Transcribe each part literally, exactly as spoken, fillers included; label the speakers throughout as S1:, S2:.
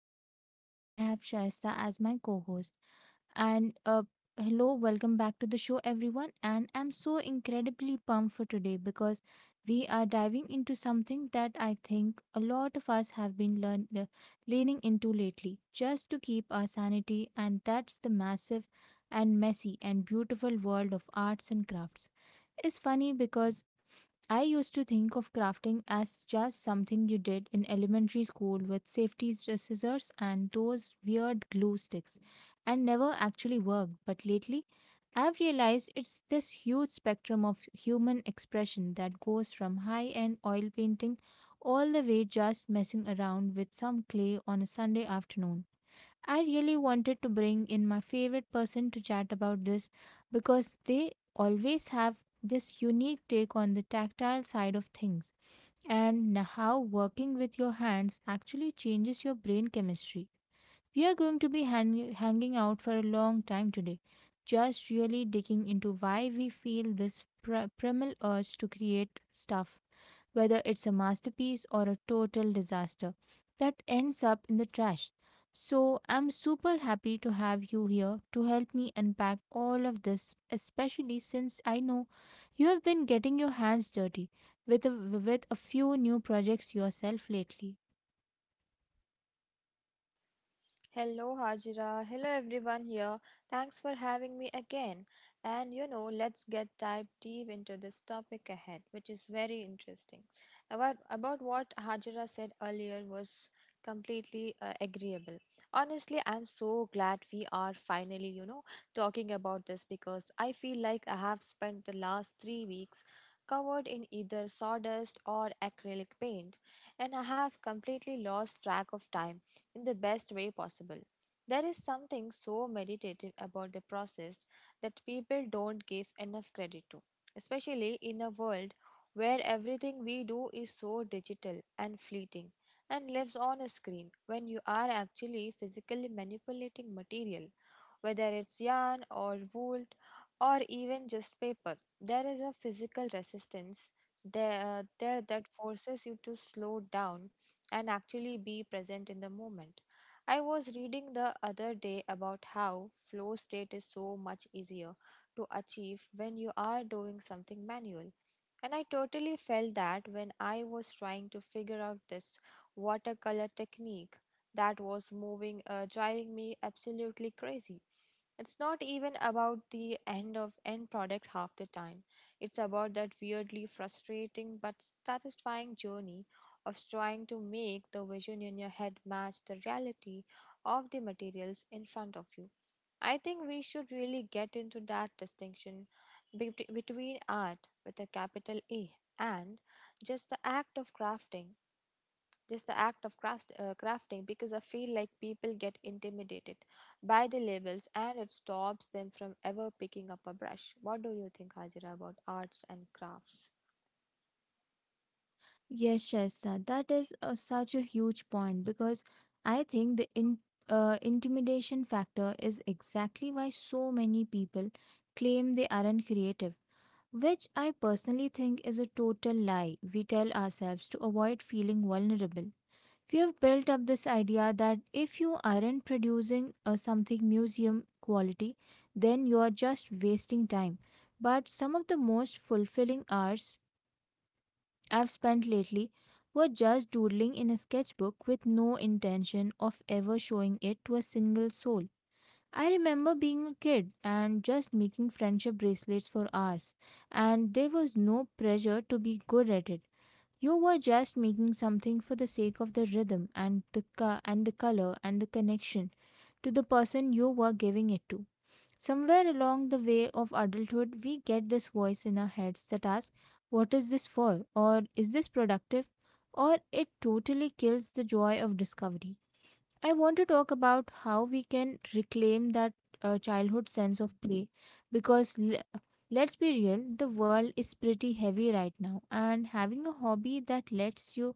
S1: Hajra. With me, I have Shaista as my co-host. And uh, Hello, welcome back to the show everyone. And I'm so incredibly pumped for today because we are diving into something that I think a lot of us have been learn- le- leaning into lately just to keep our sanity, and that's the massive and messy and beautiful world of arts and crafts. It's funny because I used to think of crafting as just something you did in elementary school with safety scissors and those weird glue sticks and never actually worked. But lately, I've realized it's this huge spectrum of human expression that goes from high end oil painting all the way just messing around with some clay on a Sunday afternoon. I really wanted to bring in my favorite person to chat about this because they always have this unique take on the tactile side of things and n- how working with your hands actually changes your brain chemistry. We are going to be hang- hanging out for a long time today, just really digging into why we feel this pr- primal urge to create stuff, whether it's a masterpiece or a total disaster that ends up in the trash. So, I'm super happy to have you here to help me unpack all of this, especially since I know you have been getting your hands dirty with a, with a few new projects yourself lately.
S2: Hello, Hajira. Hello, everyone here. Thanks for having me again. And you know, let's get dive deep into this topic ahead, which is very interesting. About about what Hajira said earlier was completely uh, agreeable. Honestly, I'm so glad we are finally, you know, talking about this because I feel like I have spent the last three weeks covered in either sawdust or acrylic paint, and I have completely lost track of time in the best way possible. There is something so meditative about the process that people don't give enough credit to, especially in a world where everything we do is so digital and fleeting and lives on a screen when you are actually physically manipulating material, whether it's yarn or wool or even just paper. There is a physical resistance there, uh, there that forces you to slow down and actually be present in the moment. I was reading the other day about how flow state is so much easier to achieve when you are doing something manual. And I totally felt that when I was trying to figure out this watercolor technique that was moving, uh, driving me absolutely crazy. It's not even about the end of end product half the time. It's about that weirdly frustrating but satisfying journey of trying to make the vision in your head match the reality of the materials in front of you. I think we should really get into that distinction bet- between art with a capital A and just the act of crafting. Just the act of craft, uh, crafting because I feel like people get intimidated by the labels and it stops them from ever picking up a brush. What do you think, Hajira, about arts and crafts?
S1: Yes, Shaista, that is uh, such a huge point because I think the in, uh, intimidation factor is exactly why so many people claim they aren't creative. Which I personally think is a total lie we tell ourselves to avoid feeling vulnerable. We have built up this idea that if you aren't producing uh, something museum quality, then you are just wasting time. But some of the most fulfilling hours I've spent lately were just doodling in a sketchbook with no intention of ever showing it to a single soul. I remember being a kid and just making friendship bracelets for hours, and there was no pressure to be good at it. You were just making something for the sake of the rhythm and the co- and the color and the connection to the person you were giving it to. Somewhere along the way of adulthood, we get this voice in our heads that asks, "What is this for?" or "Is this productive?" or "It totally kills the joy of discovery." I want to talk about how we can reclaim that uh, childhood sense of play because l- let's be real, the world is pretty heavy right now, and having a hobby that lets you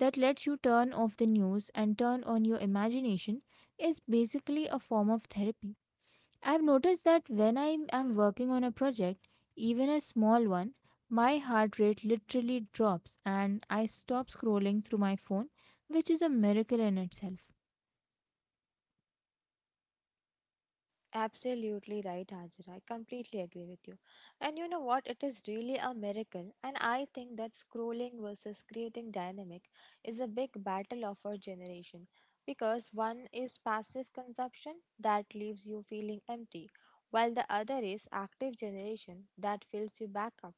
S1: that lets you turn off the news and turn on your imagination is basically a form of therapy. I've noticed that when I am working on a project, even a small one, my heart rate literally drops and I stop scrolling through my phone, which is a miracle in itself.
S2: Absolutely right, Hajira. I completely agree with you. And you know what? It is really a miracle. And I think that scrolling versus creating dynamic is a big battle of our generation because one is passive consumption that leaves you feeling empty, while the other is active generation that fills you back up.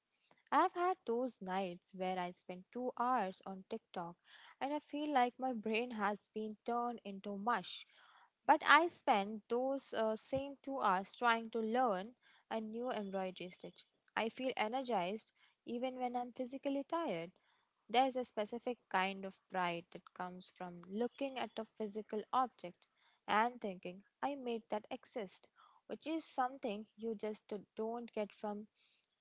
S2: I've had those nights where I spent two hours on TikTok and I feel like my brain has been turned into mush but I spent those uh, same two hours trying to learn a new embroidery stitch. I feel energized even when I'm physically tired. There is a specific kind of pride that comes from looking at a physical object and thinking, I made that exist, which is something you just d- don't get from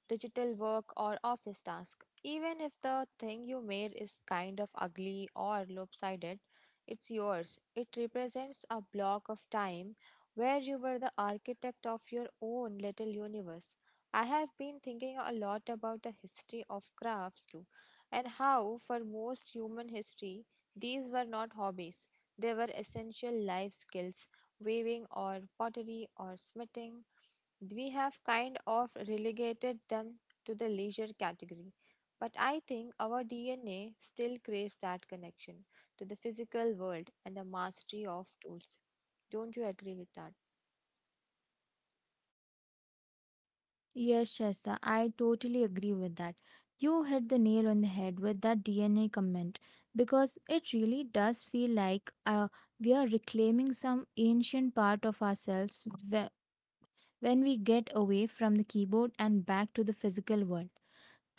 S2: digital work or office task. Even if the thing you made is kind of ugly or lopsided, it's yours. It represents a block of time where you were the architect of your own little universe. I have been thinking a lot about the history of crafts too and how, for most human history, these were not hobbies. They were essential life skills, weaving or pottery or smithing. We have kind of relegated them to the leisure category. But I think our D N A still craves that connection to the physical world and the mastery of tools. Don't you agree with that?
S1: Yes, Shasta, I totally agree with that. You hit the nail on the head with that D N A comment because it really does feel like uh, we are reclaiming some ancient part of ourselves whe- when we get away from the keyboard and back to the physical world.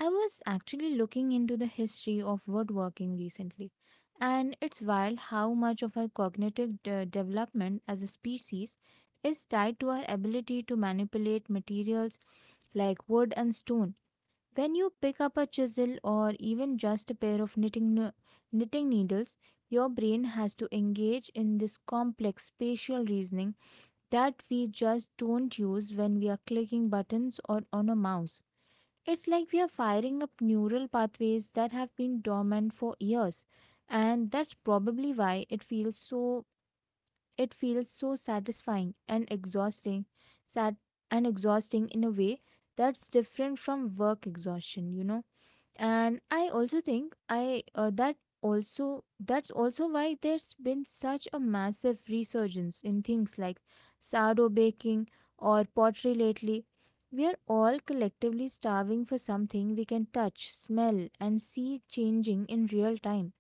S1: I was actually looking into the history of woodworking recently, and it's wild how much of our cognitive de- development as a species is tied to our ability to manipulate materials like wood and stone. When you pick up a chisel or even just a pair of knitting, no- knitting needles, your brain has to engage in this complex spatial reasoning that we just don't use when we are clicking buttons or on a mouse. It's like we are firing up neural pathways that have been dormant for years, and that's probably why it feels so it feels so satisfying and exhausting, sat and exhausting in a way that's different from work exhaustion, you know. And i also think i uh, that also that's also why there's been such a massive resurgence in things like sourdough baking or pottery lately. We are all collectively starving for something we can touch, smell, and see changing in real time.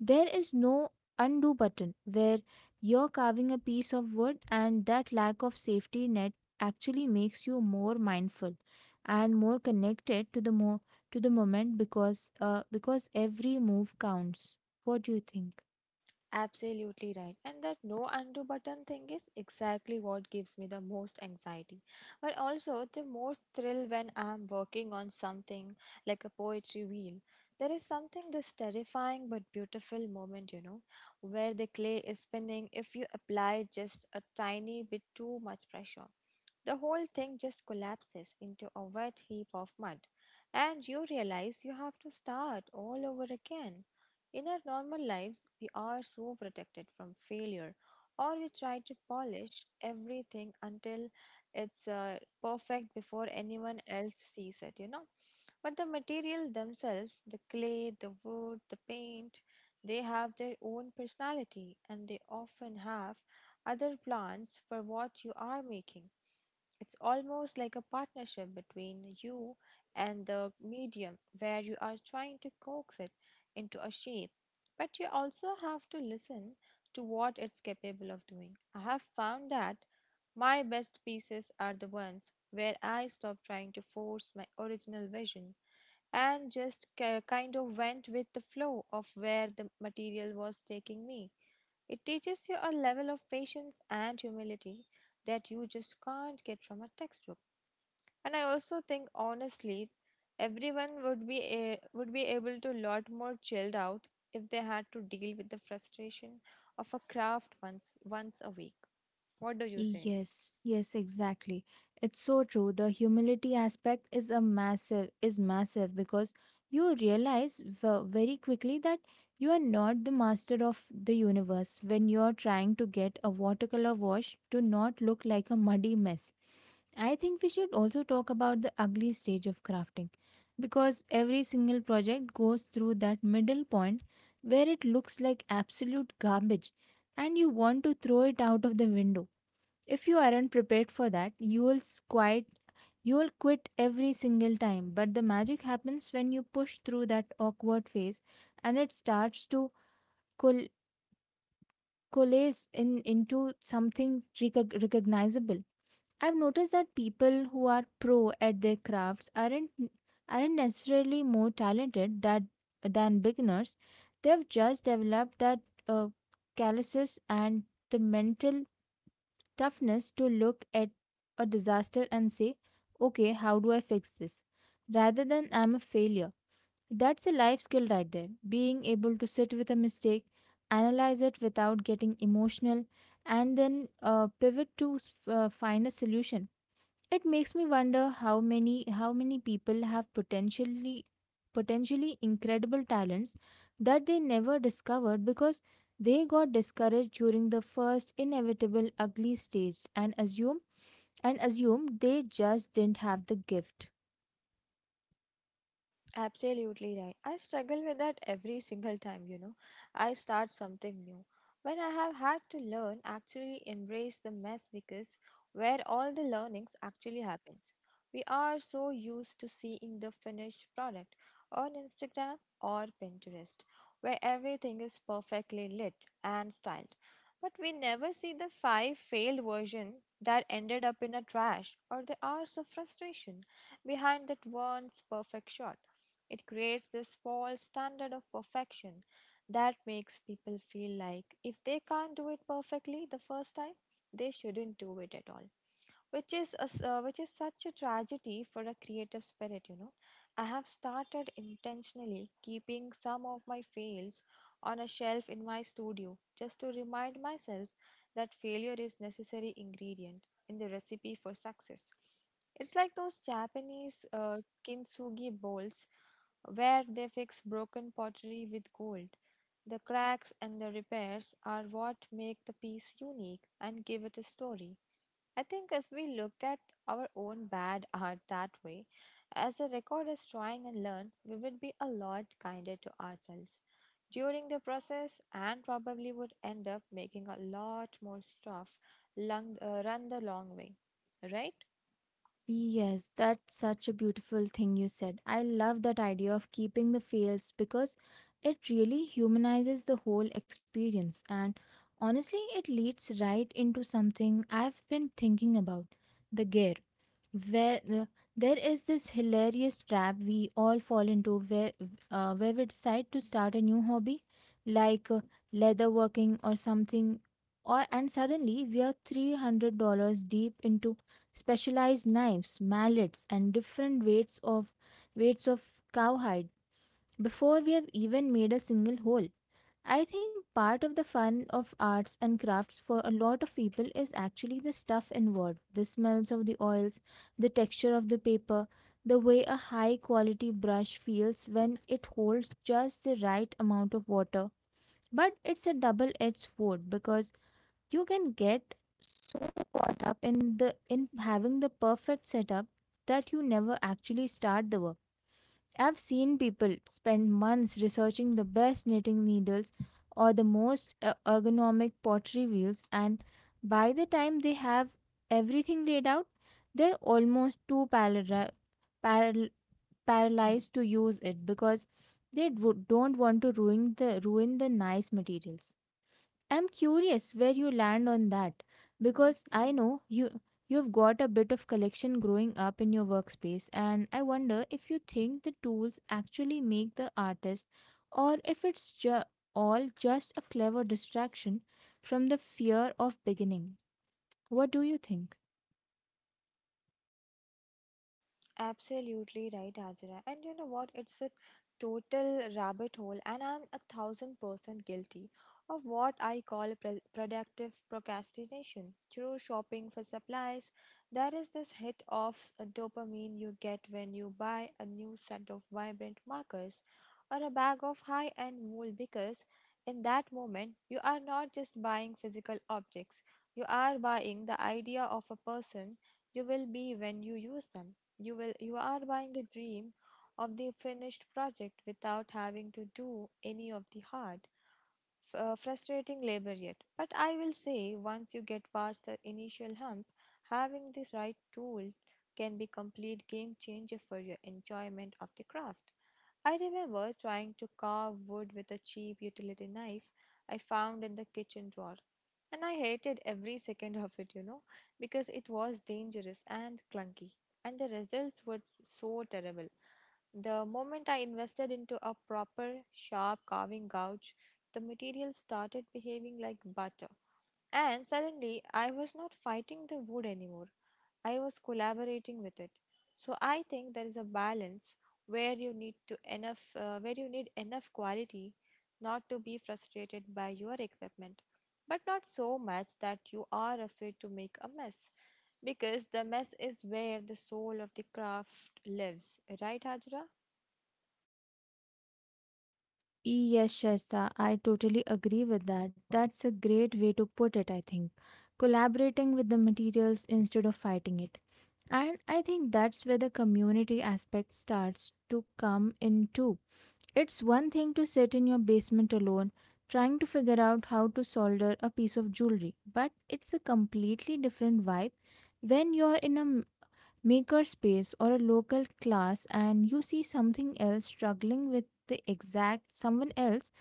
S1: There is no undo button where you're carving a piece of wood, and that lack of safety net actually makes you more mindful and more connected to the mo- to the moment because uh, because every move counts. What do you think?
S2: Absolutely right. And that no undo button thing is exactly what gives me the most anxiety, but also the most thrill when I'm working on something like a poetry wheel. There is something this terrifying but beautiful moment, you know, where the clay is spinning if you apply just a tiny bit too much pressure the whole thing just collapses into a wet heap of mud, and you realize you have to start all over again. In our normal lives, we are so protected from failure, or we try to polish everything until it's uh, perfect before anyone else sees it, you know. But the material themselves, the clay, the wood, the paint, they have their own personality and they often have other plans for what you are making. It's almost like a partnership between you and the medium where you are trying to coax it into a shape, but you also have to listen to what it's capable of doing. I have found that my best pieces are the ones where I stop trying to force my original vision and just ki- kind of went with the flow of where the material was taking me. It teaches you a level of patience and humility that you just can't get from a textbook. And I also think honestly, everyone would be a, would be able to lot more chilled out if they had to deal with the frustration of a craft once once a week. What do you say?
S1: Yes, yes, exactly. It's so true. The humility aspect is a massive is massive because you realize v- very quickly that you are not the master of the universe when you are trying to get a watercolor wash to not look like a muddy mess. I think we should also talk about the ugly stage of crafting because every single project goes through that middle point where it looks like absolute garbage and you want to throw it out of the window. If you aren't prepared for that, you will s- quite you will quit every single time. But the magic happens when you push through that awkward phase and it starts to col- coalesce in into something recog- recognizable. I've noticed that people who are pro at their crafts aren't aren't necessarily more talented that than beginners. They've just developed that uh, calluses and the mental toughness to look at a disaster and say, okay, how do I fix this? Rather than, I'm a failure. That's a life skill right there. Being able to sit with a mistake, analyze it without getting emotional, and then uh, pivot to uh, find a solution. It makes me wonder how many how many people have potentially potentially incredible talents that they never discovered because they got discouraged during the first inevitable ugly stage and assume and assumed they just didn't have the gift.
S2: Absolutely right. I struggle with that every single time, you know. I start something new. When I have had to learn, actually embrace the mess because where all the learnings actually happens. We are so used to seeing the finished product on Instagram or Pinterest, where everything is perfectly lit and styled. But we never see the five failed version that ended up in a trash or the hours of frustration behind that one's perfect shot. It creates this false standard of perfection that makes people feel like if they can't do it perfectly the first time, they shouldn't do it at all which is a s uh, which is such a tragedy for a creative spirit, you know. I have started intentionally keeping some of my fails on a shelf in my studio just to remind myself that failure is necessary ingredient in the recipe for success. It's like those Japanese uh, kintsugi bowls where they fix broken pottery with gold. The cracks and the repairs are what make the piece unique and give it a story. I think if we looked at our own bad art that way, as a record is trying and learn, we would be a lot kinder to ourselves during the process and probably would end up making a lot more stuff lung, uh, run the long way, right?
S1: Yes, that's such a beautiful thing you said. I love that idea of keeping the fails because it really humanizes the whole experience. And honestly, it leads right into something I've been thinking about: the gear. Where uh, There is this hilarious trap we all fall into where, uh, where we decide to start a new hobby like uh, leather working or something, or, and suddenly we are three hundred dollars deep into specialized knives, mallets, and different weights of weights of cowhide before we have even made a single hole. I think part of the fun of arts and crafts for a lot of people is actually the stuff involved, the smells of the oils, the texture of the paper, the way a high quality brush feels when it holds just the right amount of water. But it's a double edged sword because you can get so caught up in the in having the perfect setup that you never actually start the work. I've seen people spend months researching the best knitting needles or the most uh, ergonomic pottery wheels, and by the time they have everything laid out, they're almost too palara- paral- paralyzed to use it because they do- don't want to ruin the ruin the nice materials. I'm curious where you land on that because I know you you've got a bit of collection growing up in your workspace, and I wonder if you think the tools actually make the artist or if it's ju- all just a clever distraction from the fear of beginning. What do you think?
S2: Absolutely right, Ajira. And you know what? It's a total rabbit hole, and I'm a thousand percent guilty of what I call pro- productive procrastination. Through shopping for supplies, there is this hit of s- dopamine you get when you buy a new set of vibrant markers or a bag of high end wool because in that moment you are not just buying physical objects, you are buying the idea of a person you will be when you use them. You will you are buying the dream of the finished project without having to do any of the hard, f- uh, frustrating labor yet. But I will say, once you get past the initial hump, having the right tool can be complete game changer for your enjoyment of the craft. I remember trying to carve wood with a cheap utility knife I found in the kitchen drawer. And I hated every second of it, you know, because it was dangerous and clunky, and the results were so terrible. The moment I invested into a proper, sharp carving gouge the material started behaving like butter. And suddenly, I was not fighting the wood anymore, I was collaborating with it. So I think there is a balance where you need to enough uh, where you need enough quality not to be frustrated by your equipment but not so much that you are afraid to make a mess because the mess is where the soul of the craft lives, right, Hajra?
S1: Yes, Shaista, I totally agree with that. That's a great way to put it, I think. Collaborating with the materials instead of fighting it. And I think that's where the community aspect starts to come in too. It's one thing to sit in your basement alone trying to figure out how to solder a piece of jewelry, but it's a completely different vibe when you're in a m- maker space or a local class and you see something else struggling with the exact someone else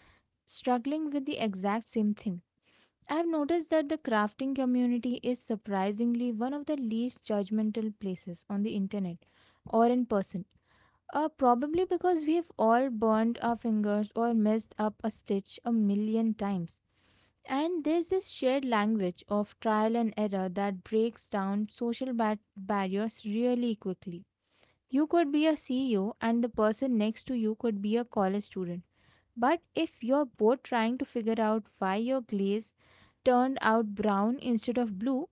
S1: struggling with the exact same thing. I've noticed that the crafting community is surprisingly one of the least judgmental places on the internet or in person. Uh, probably because we have all burned our fingers or messed up a stitch a million times. And there's this shared language of trial and error that breaks down social ba- barriers really quickly. You could be a C E O, and the person next to you could be a college student, but if you're both trying to figure out why your glaze turned out brown instead of blue,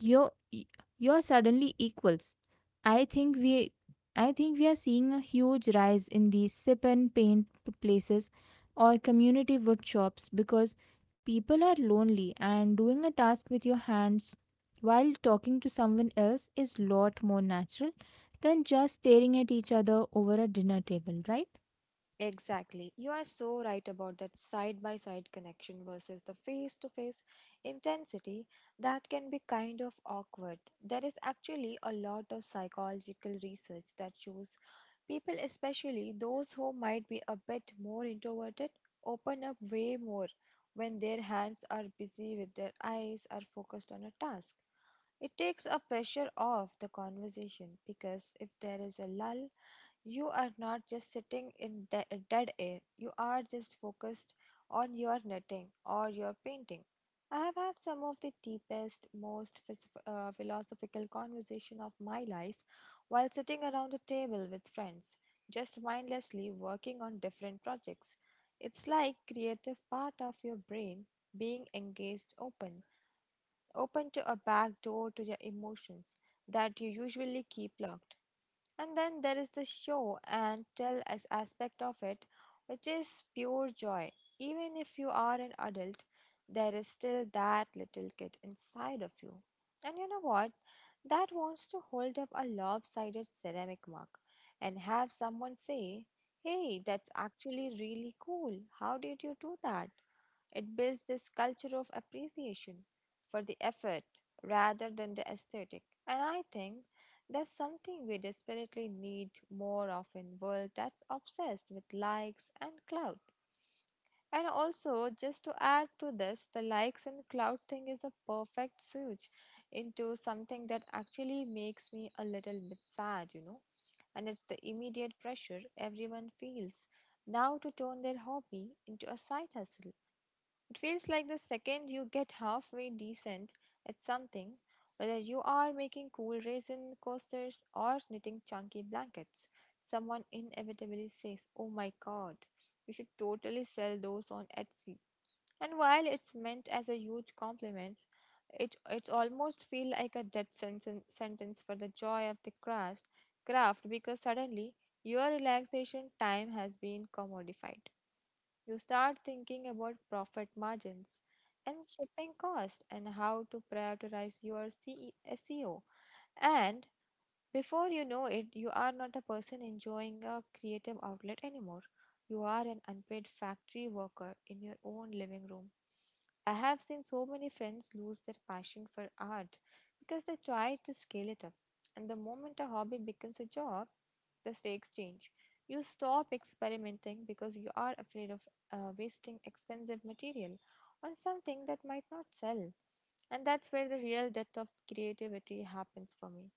S1: you're, you're suddenly equals. I think we I think we are seeing a huge rise in these sip and paint places or community wood shops because people are lonely, and doing a task with your hands while talking to someone else is lot more natural than just staring at each other over a dinner table, right?
S2: Exactly. You are so right about that side by side connection versus the face to face intensity that can be kind of awkward. There is actually a lot of psychological research that shows people, especially those who might be a bit more introverted, open up way more when their hands are busy with their eyes are focused on a task. It takes a pressure off the conversation because if there is a lull, you are not just sitting in de- dead air, you are just focused on your knitting or your painting. I have had some of the deepest, most phys- uh, philosophical conversation of my life while sitting around a table with friends, just mindlessly working on different projects. It's like creative part of your brain being engaged open, open to a back door to your emotions that you usually keep locked. And then there is the show and tell as aspect of it, which is pure joy. Even if you are an adult, there is still that little kid inside of you. And you know what? That wants to hold up a lopsided ceramic mug and have someone say, "Hey, that's actually really cool. How did you do that?" It builds this culture of appreciation for the effort rather than the aesthetic. And I think that's something we desperately need more of in world that's obsessed with likes and clout. And also, just to add to this, the likes and clout thing is a perfect switch into something that actually makes me a little bit sad, you know. And it's the immediate pressure everyone feels now to turn their hobby into a side hustle. It feels like the second you get halfway decent at something, whether you are making cool raisin coasters or knitting chunky blankets, someone inevitably says, "Oh my god, you should totally sell those on Etsy." And while it's meant as a huge compliment, it it's almost feel like a death sentence sentence for the joy of the craft craft because suddenly your relaxation time has been commodified. You start thinking about profit margins and shipping cost and how to prioritize your C E S E O. And before you know it, you are not a person enjoying a creative outlet anymore. You are an unpaid factory worker in your own living room. I have seen so many friends lose their passion for art because they try to scale it up. And the moment a hobby becomes a job, the stakes change. You stop experimenting because you are afraid of uh, wasting expensive material on something that might not sell. And that's where the real death of creativity happens for me.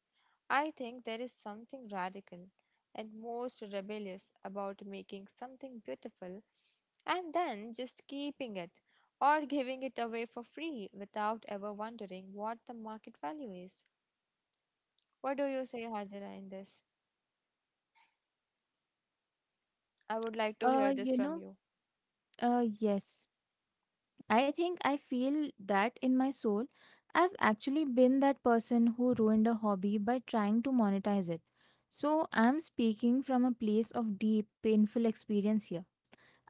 S2: I think there is something radical and most rebellious about making something beautiful and then just keeping it or giving it away for free without ever wondering what the market value is. What do you say, Hajira, in this? I would like to hear
S1: Uh,
S2: this
S1: you
S2: from
S1: know,
S2: you.
S1: uh, yes. I think I feel that in my soul. I've actually been that person who ruined a hobby by trying to monetize it. So I'm speaking from a place of deep, painful experience here.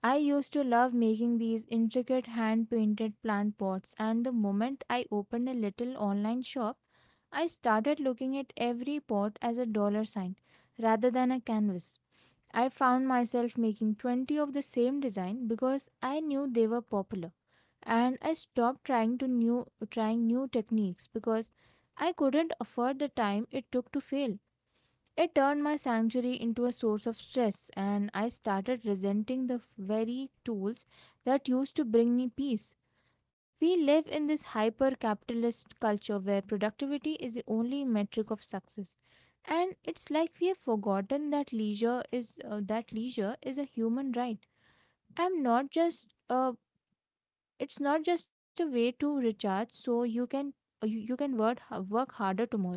S1: I used to love making these intricate hand painted plant pots, and the moment I opened a little online shop, I started looking at every pot as a dollar sign rather than a canvas. I found myself making twenty of the same design because I knew they were popular, and I stopped trying to new trying new techniques because I couldn't afford the time it took to fail. It turned my sanctuary into a source of stress, and I started resenting the very tools that used to bring me peace. We live in this hyper capitalist culture where productivity is the only metric of success. And it's like we have forgotten that leisure is uh, that leisure is a human right. I'm not just a It's not just a way to recharge so you can uh, you, you can work, work harder tomorrow.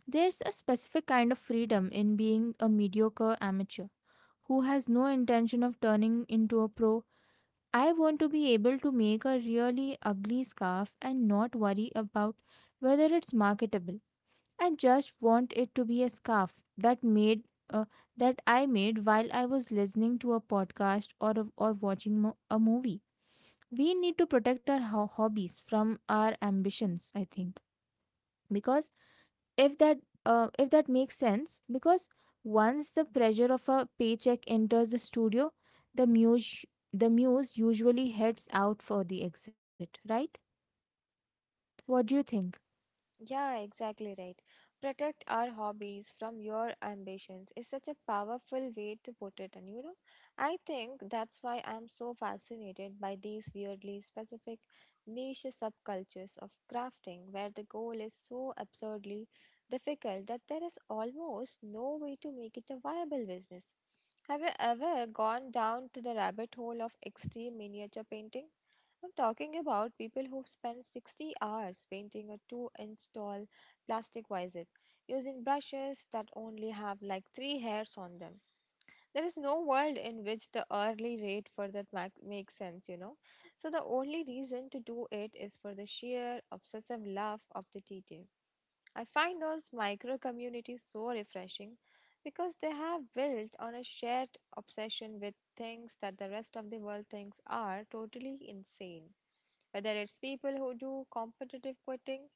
S1: There's a specific kind of freedom in being a mediocre amateur who has no intention of turning into a pro. I want to be able to make a really ugly scarf and not worry about whether it's marketable. I just want it to be a scarf that made uh, that I made while I was listening to a podcast or or watching mo- a movie. We need to protect our ho- hobbies from our ambitions, I think, because if that uh, if that makes sense, because once the pressure of a paycheck enters the studio, the muse the muse usually heads out for the exit, right? What do you think?
S2: Yeah, exactly right. Protect our hobbies from your ambitions is such a powerful way to put it, and you know, I think that's why I'm so fascinated by these weirdly specific niche subcultures of crafting where the goal is so absurdly difficult that there is almost no way to make it a viable business. Have you ever gone down to the rabbit hole of extreme miniature painting? I'm talking about people who spend sixty hours painting a two-inch tall plastic wizard using brushes that only have like three hairs on them. There is no world in which the hourly rate for that mac- makes sense, you know. So the only reason to do it is for the sheer obsessive love of the detail. I find those micro communities so refreshing because they have built on a shared obsession with things that the rest of the world thinks are totally insane. Whether it's people who do competitive quitting,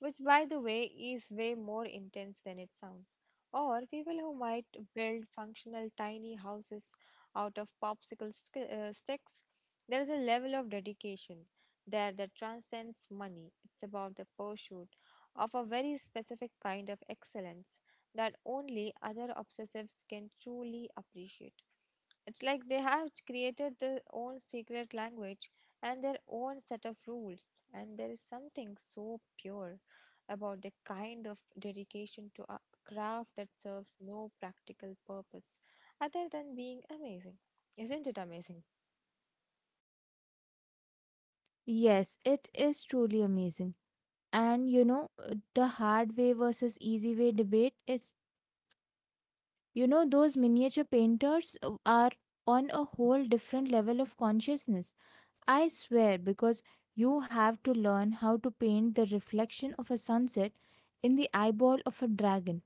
S2: which by the way is way more intense than it sounds. Or people who might build functional tiny houses out of popsicle sk- uh, sticks. There is a level of dedication there that transcends money. It's about the pursuit of a very specific kind of excellence that only other obsessives can truly appreciate. It's like they have created their own secret language and their own set of rules, and there is something so pure about the kind of dedication to a craft that serves no practical purpose other than being amazing. Isn't it amazing?
S1: Yes, it is truly amazing. And you know uh, the hard way versus easy way debate is, you know, those miniature painters uh, are on a whole different level of consciousness, I swear, because you have to learn how to paint the reflection of a sunset in the eyeball of a dragon.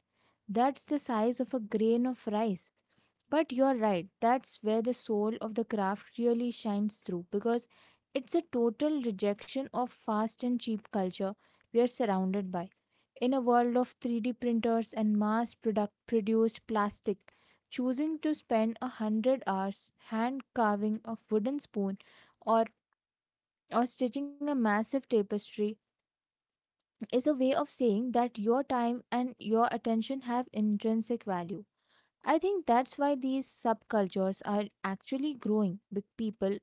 S1: That's the size of a grain of rice. But you're right, that's where the soul of the craft really shines through, because it's a total rejection of fast and cheap culture we are surrounded by. In a world of three D printers and mass product produced plastic, choosing to spend a hundred hours hand carving a wooden spoon or or stitching a massive tapestry is a way of saying that your time and your attention have intrinsic value. I think that's why these subcultures are actually growing. Big people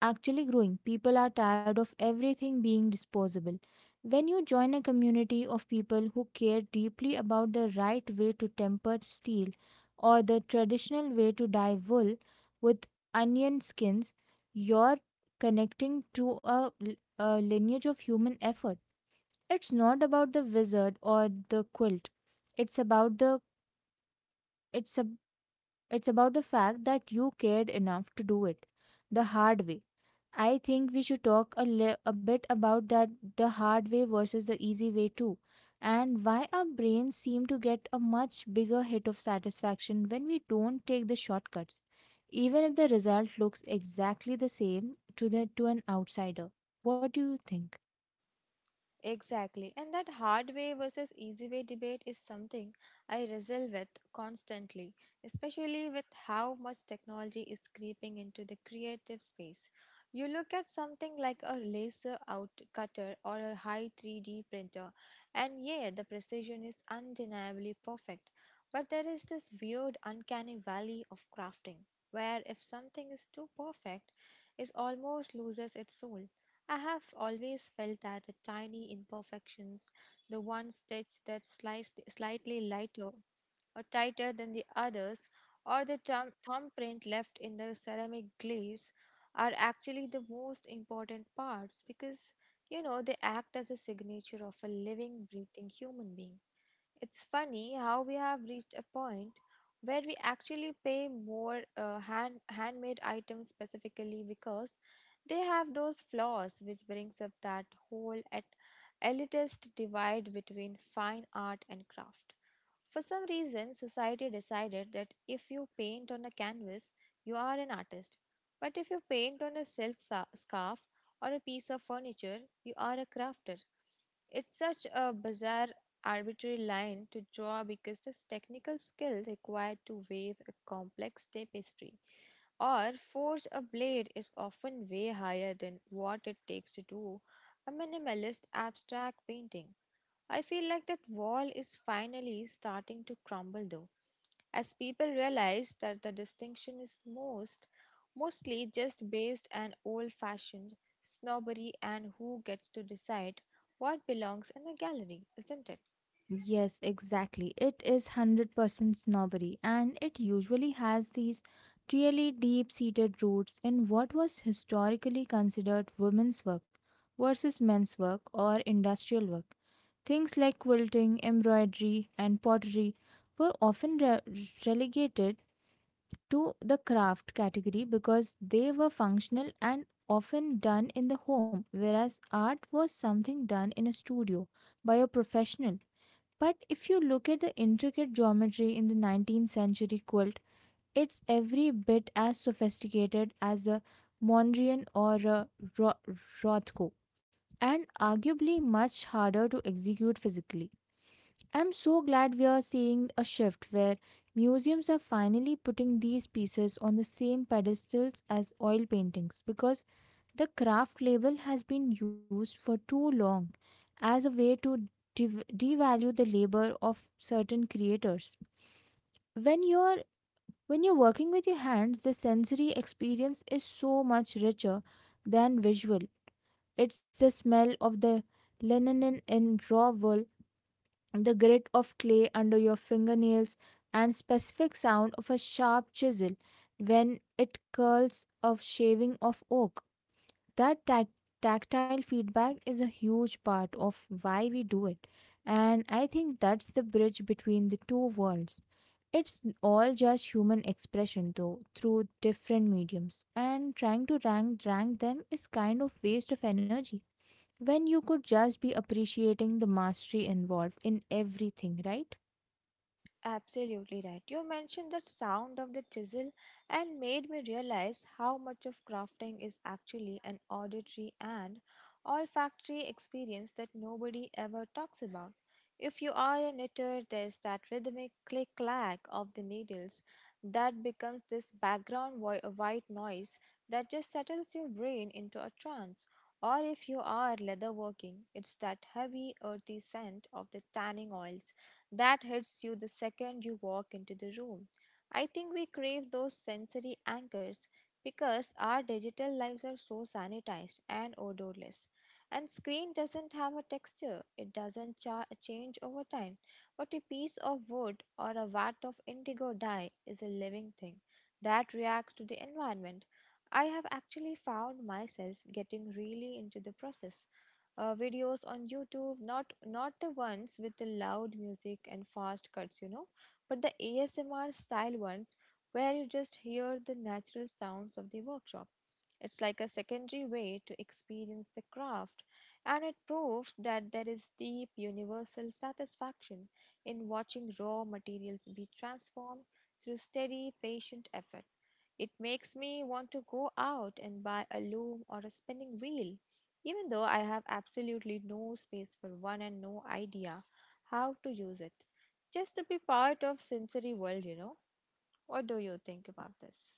S1: actually growing. People are tired of everything being disposable. When you join a community of people who care deeply about the right way to temper steel or the traditional way to dye wool with onion skins, you're connecting to a, l- a lineage of human effort. It's not about the wizard or the quilt. It's about the it's a, it's about the fact that you cared enough to do it the hard way. I think we should talk a, li- a bit about that, the hard way versus the easy way too, and why our brains seem to get a much bigger hit of satisfaction when we don't take the shortcuts, even if the result looks exactly the same to the to an outsider. What do you think?
S2: Exactly. And that hard way versus easy way debate is something I wrestle with constantly, especially with how much technology is creeping into the creative space. You look at something like a laser out cutter or a high three D printer, and yeah, the precision is undeniably perfect. But there is this weird, uncanny valley of crafting, where if something is too perfect, it almost loses its soul. I have always felt that the tiny imperfections, the one stitch that's sliced slightly lighter or tighter than the others, or the thumb thumbprint left in the ceramic glaze, are actually the most important parts because you know they act as a signature of a living, breathing human being. It's funny how we have reached a point where we actually pay more uh, hand handmade items specifically because they have those flaws, which brings up that whole et- elitist divide between fine art and craft. For some reason, society decided that if you paint on a canvas, you are an artist. But if you paint on a silk sa- scarf or a piece of furniture, you are a crafter. It's such a bizarre arbitrary line to draw because the technical skill required to weave a complex tapestry or forge a blade is often way higher than what it takes to do a minimalist abstract painting. I feel like that wall is finally starting to crumble though, as people realize that the distinction is most mostly just based on old fashioned snobbery and who gets to decide what belongs in a gallery, isn't it?
S1: Yes, exactly. It is one hundred percent snobbery, and it usually has these really deep seated roots in what was historically considered women's work versus men's work or industrial work. Things like quilting, embroidery, and pottery were often re- relegated to the craft category because they were functional and often done in the home, whereas art was something done in a studio by a professional. But if you look at the intricate geometry in the nineteenth century quilt, it's every bit as sophisticated as a Mondrian or a Ro- Rothko, and arguably much harder to execute physically. I'm so glad we are seeing a shift where museums are finally putting these pieces on the same pedestals as oil paintings, because the craft label has been used for too long as a way to dev- devalue the labor of certain creators. When you're when you're working with your hands, the sensory experience is so much richer than visual. It's the smell of the linen in raw wool, the grit of clay under your fingernails, and specific sound of a sharp chisel when it curls a shaving of oak. That tac- tactile feedback is a huge part of why we do it, and I think that's the bridge between the two worlds. It's all just human expression though, through different mediums, and trying to rank rank them is kind of waste of energy when you could just be appreciating the mastery involved in everything, right?
S2: Absolutely right. You mentioned the sound of the chisel and made me realize how much of crafting is actually an auditory and olfactory experience that nobody ever talks about. If you are a knitter, there's that rhythmic click clack of the needles that becomes this background vo- white noise that just settles your brain into a trance. Or if you are leatherworking, it's that heavy, earthy scent of the tanning oils that hits you the second you walk into the room. I think we crave those sensory anchors because our digital lives are so sanitized and odorless. And screen doesn't have a texture, it doesn't cha- change over time. But a piece of wood or a vat of indigo dye is a living thing that reacts to the environment. I have actually found myself getting really into the process uh, videos on YouTube, not not the ones with the loud music and fast cuts, you know, but the A S M R style ones where you just hear the natural sounds of the workshop. It's like a secondary way to experience the craft, and it proves that there is deep universal satisfaction in watching raw materials be transformed through steady, patient effort. It makes me want to go out and buy a loom or a spinning wheel, even though I have absolutely no space for one and no idea how to use it. Just to be part of sensory world, you know. What do you think about this?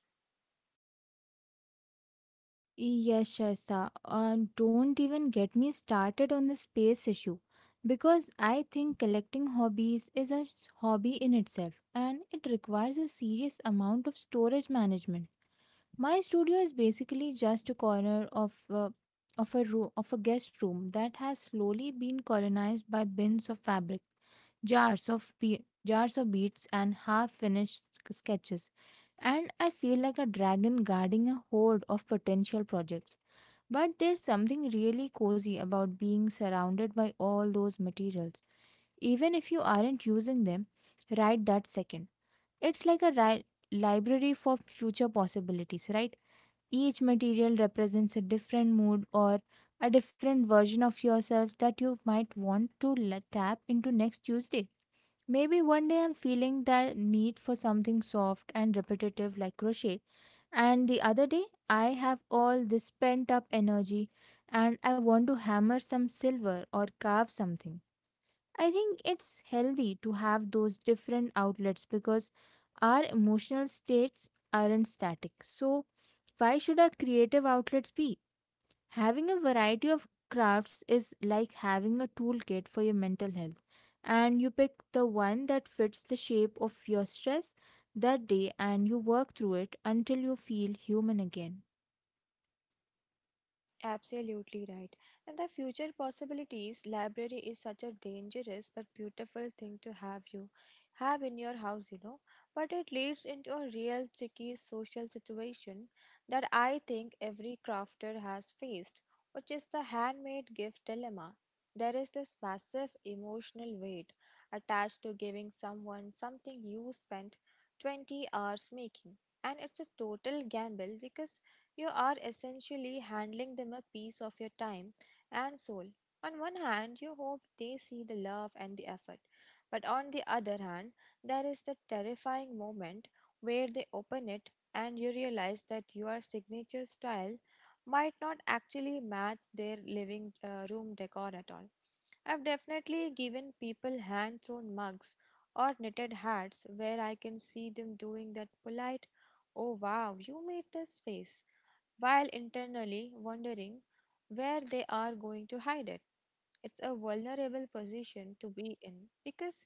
S1: Yes, Shaista, um, don't even get me started on the space issue, because I think collecting hobbies is a s- hobby in itself and it requires a serious amount of storage management. My studio is basically just a corner of uh, of a room of a guest room that has slowly been colonized by bins of fabric, jars of be- jars of beads and half-finished sk- sketches, and I feel like a dragon guarding a horde of potential projects. But there's something really cozy about being surrounded by all those materials, even if you aren't using them right that second. It's like a ri- library for future possibilities, right? Each material represents a different mood or a different version of yourself that you might want to la- tap into next Tuesday. Maybe one day I'm feeling that need for something soft and repetitive like crochet, and the other day I have all this pent up energy and I want to hammer some silver or carve something. I think it's healthy to have those different outlets because our emotional states aren't static. So, why should our creative outlets be? Having a variety of crafts is like having a toolkit for your mental health, and you pick the one that fits the shape of your stress that day and you work through it until you feel human again.
S2: Absolutely right. And the future possibilities library is such a dangerous but beautiful thing to have you have in your house, you know. But it leads into a real tricky social situation that I think every crafter has faced, which is the handmade gift dilemma. There is this massive emotional weight attached to giving someone something you spent twenty hours making. And it's a total gamble because you are essentially handling them a piece of your time and soul. On one hand, you hope they see the love and the effort, but on the other hand, there is the terrifying moment where they open it and you realize that your signature style might not actually match their living uh, room decor at all. I've definitely given people hand sewn mugs or knitted hats where I can see them doing that polite, "Oh wow, you made this" face, while internally wondering where they are going to hide it. It's a vulnerable position to be in because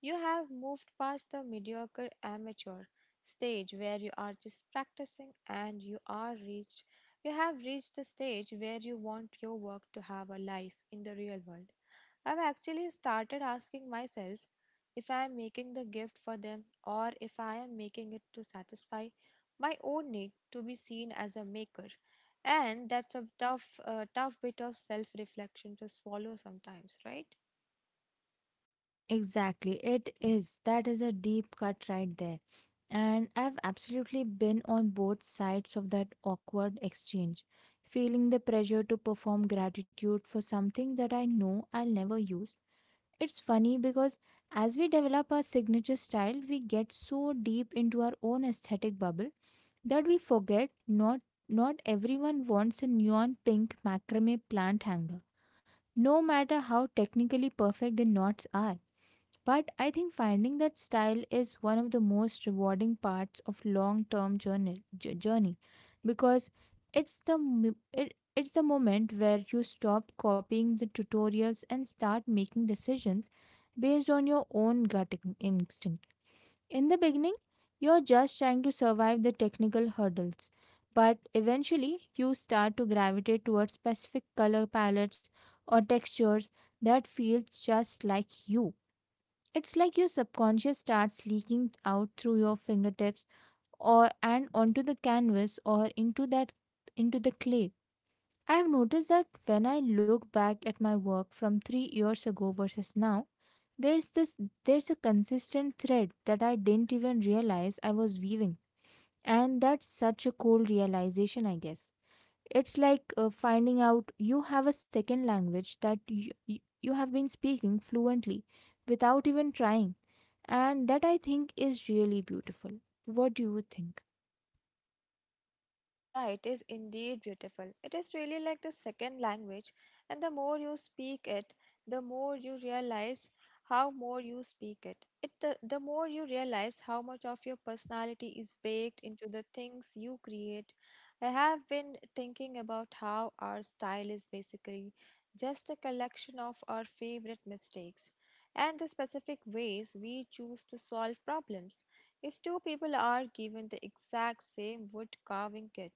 S2: you have moved past the mediocre amateur stage where you are just practicing and you are reached you have reached the stage where you want your work to have a life in the real world. I've actually started asking myself if I am making the gift for them or if I am making it to satisfy my own need to be seen as a maker. And that's a tough, uh, tough bit of self reflection to swallow sometimes, right?
S1: Exactly, it is. That is a deep cut right there. And I've absolutely been on both sides of that awkward exchange, feeling the pressure to perform gratitude for something that I know I'll never use. It's funny because as we develop our signature style, we get so deep into our own aesthetic bubble that we forget not not everyone wants a neon pink macrame plant hanger, no matter how technically perfect the knots are. But I think finding that style is one of the most rewarding parts of long-term journey, j- journey, because it's the m- it, it's the moment where you stop copying the tutorials and start making decisions based on your own gut in- instinct. In the beginning, you're just trying to survive the technical hurdles, but eventually you start to gravitate towards specific color palettes or textures that feel just like you. It's like your subconscious starts leaking out through your fingertips or and onto the canvas or into that into the clay. I have noticed that when I look back at my work from three years ago versus now, there's this there's a consistent thread that I didn't even realize I was weaving. And that's such a cool realization, I guess. It's like uh, finding out you have a second language that you, you have been speaking fluently without even trying. And that, I think, is really beautiful. What do you think?
S2: Yeah, it is indeed beautiful. It is really like the second language, and the more you speak it, the more you realize how more you speak it. It the, the more you realize how much of your personality is baked into the things you create. I have been thinking about how our style is basically just a collection of our favorite mistakes and the specific ways we choose to solve problems. If two people are given the exact same wood carving kit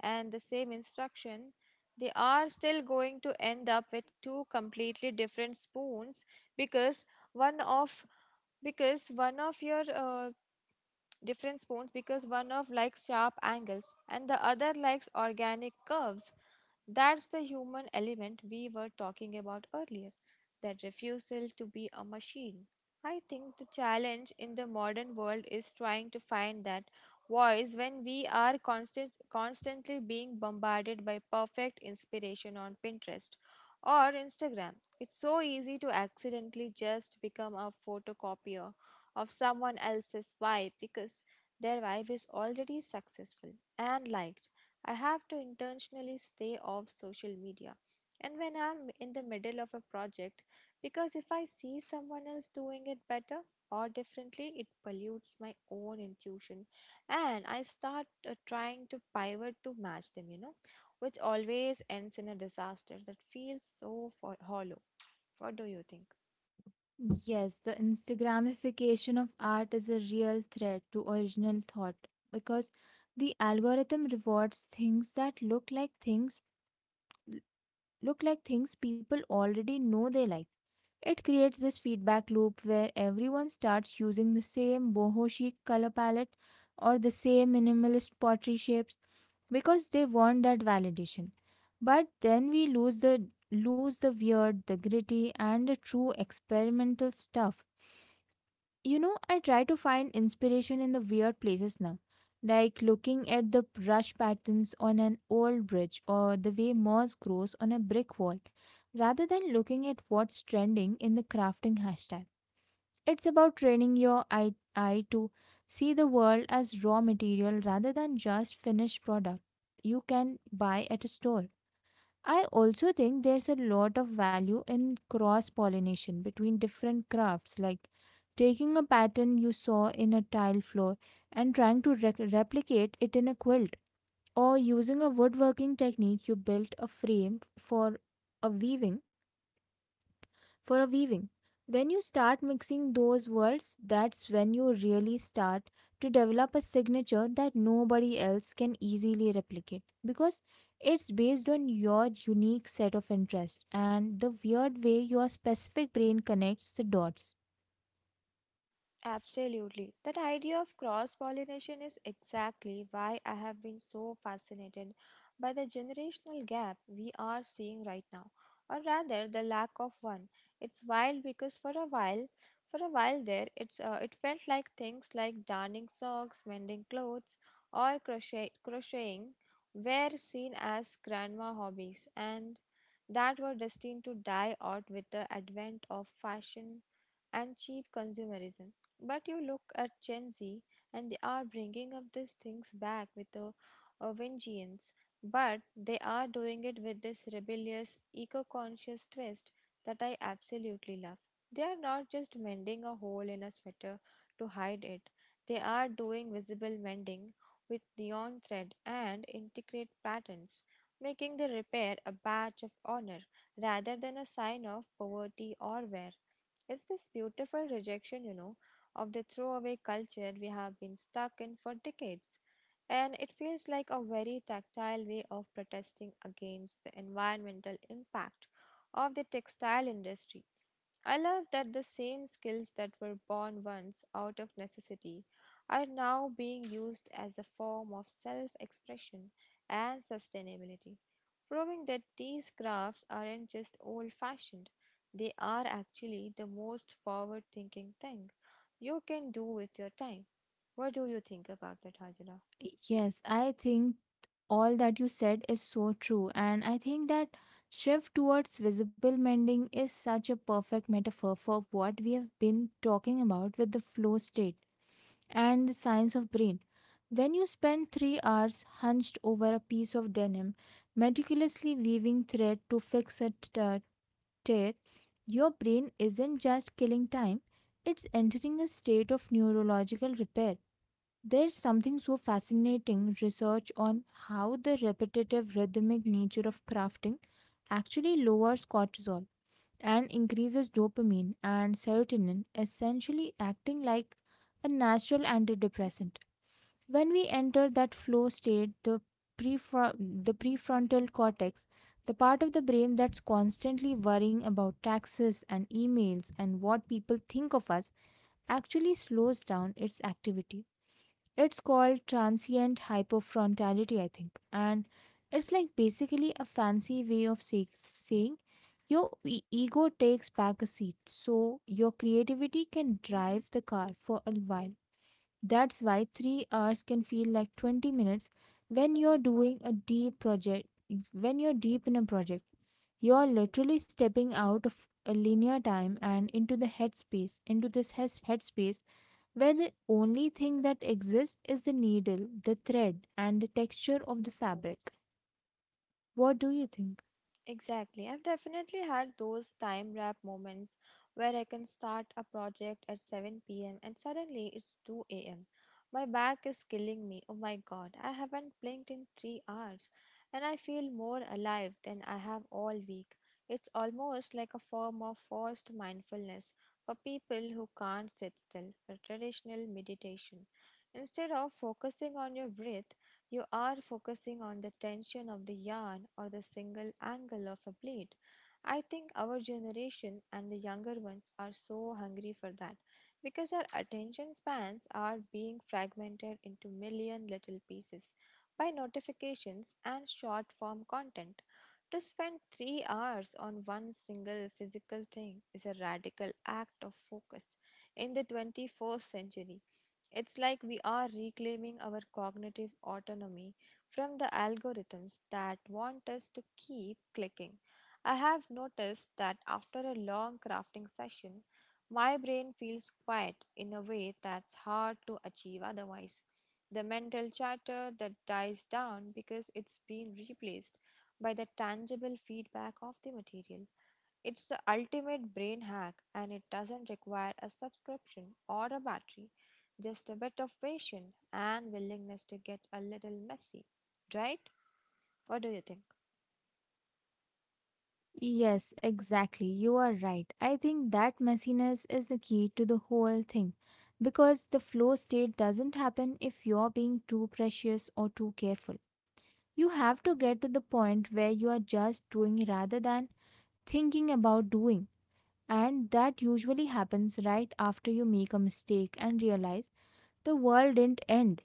S2: and the same instruction, they are still going to end up with two completely different spoons because one of because one of your uh, different spoons because one of likes sharp angles and the other likes organic curves. That's the human element we were talking about earlier, that refusal to be a machine. I think the challenge in the modern world is trying to find that voice when we are constant, constantly being bombarded by perfect inspiration on Pinterest or Instagram. It's so easy to accidentally just become a photocopier of someone else's vibe because their vibe is already successful and liked. I have to intentionally stay off social media. And when I'm in the middle of a project, because if I see someone else doing it better or differently, it pollutes my own intuition. And I start uh, trying to pivot to match them, you know, which always ends in a disaster that feels so fo- hollow. What do you think?
S1: Yes, the Instagramification of art is a real threat to original thought, because the algorithm rewards things that look like things look like things people already know they like. It creates this feedback loop where everyone starts using the same boho chic color palette or the same minimalist pottery shapes because they want that validation. But then we lose the lose the weird, the gritty and the true experimental stuff, you know. I try to find inspiration in the weird places now, like looking at the brush patterns on an old bridge or the way moss grows on a brick wall, rather than looking at what's trending in the crafting hashtag. It's about training your eye, eye to see the world as raw material rather than just finished product you can buy at a store. I also think there's a lot of value in cross pollination between different crafts, like taking a pattern you saw in a tile floor and trying to rec- replicate it in a quilt, or using a woodworking technique you built a frame for a weaving for a weaving. When you start mixing those worlds, that's when you really start to develop a signature that nobody else can easily replicate, because it's based on your unique set of interests and the weird way your specific brain connects the dots.
S2: Absolutely. That idea of cross pollination is exactly why I have been so fascinated by the generational gap we are seeing right now, or rather the lack of one. It's wild because for a while, for a while there, it's uh, it felt like things like darning socks, mending clothes, or crochet crocheting were seen as grandma hobbies, and that were destined to die out with the advent of fashion and cheap consumerism. But you look at Gen Z, and they are bringing up these things back with a, a vengeance. But they are doing it with this rebellious, eco conscious twist that I absolutely love. They are not just mending a hole in a sweater to hide it, they are doing visible mending with neon thread and intricate patterns, making the repair a badge of honor rather than a sign of poverty or wear. It's this beautiful rejection, you know, of the throwaway culture we have been stuck in for decades. And it feels like a very tactile way of protesting against the environmental impact of the textile industry. I love that the same skills that were born once out of necessity are now being used as a form of self expression and sustainability, proving that these crafts aren't just old fashioned, they are actually the most forward thinking thing you can do with your time. What do you think about that, Hajra?
S1: Yes, I think all that you said is so true, and I think that shift towards visible mending is such a perfect metaphor for what we have been talking about with the flow state and the science of brain. When you spend three hours hunched over a piece of denim, meticulously weaving thread to fix a t- uh, tear, your brain isn't just killing time, it's entering a state of neurological repair. There's something so fascinating research on how the repetitive rhythmic nature of crafting actually lowers cortisol and increases dopamine and serotonin, essentially acting like a natural antidepressant. When we enter that flow state, the, prefron- the prefrontal cortex, the part of the brain that's constantly worrying about taxes and emails and what people think of us, actually slows down its activity. It's called transient hypofrontality, I think, and it's like basically a fancy way of say- saying your e- ego takes back a seat so your creativity can drive the car for a while. That's why three hours can feel like twenty minutes when you're doing a deep project. When you're deep in a project, you're literally stepping out of a linear time and into the headspace, into this heads- headspace where the only thing that exists is the needle, the thread, and the texture of the fabric. What do you think?
S2: Exactly. I've definitely had those time wrap moments where I can start a project at seven p m and suddenly it's two a m. My back is killing me. Oh my god, I haven't blinked in three hours and I feel more alive than I have all week. It's almost like a form of forced mindfulness for people who can't sit still for traditional meditation. Instead of focusing on your breath, you are focusing on the tension of the yarn or the single angle of a blade. I think our generation and the younger ones are so hungry for that because our attention spans are being fragmented into million little pieces by notifications and short form content. To spend three hours on one single physical thing is a radical act of focus in the twenty-first century. It's like we are reclaiming our cognitive autonomy from the algorithms that want us to keep clicking. I have noticed that after a long crafting session, my brain feels quiet in a way that's hard to achieve otherwise. The mental chatter that dies down because it's been replaced by the tangible feedback of the material. It's the ultimate brain hack and it doesn't require a subscription or a battery, just a bit of patience and willingness to get a little messy, right? What do you think?
S1: Yes, exactly. You are right. I think that messiness is the key to the whole thing because the flow state doesn't happen if you're being too precious or too careful. You have to get to the point where you are just doing rather than thinking about doing. And that usually happens right after you make a mistake and realize the world didn't end.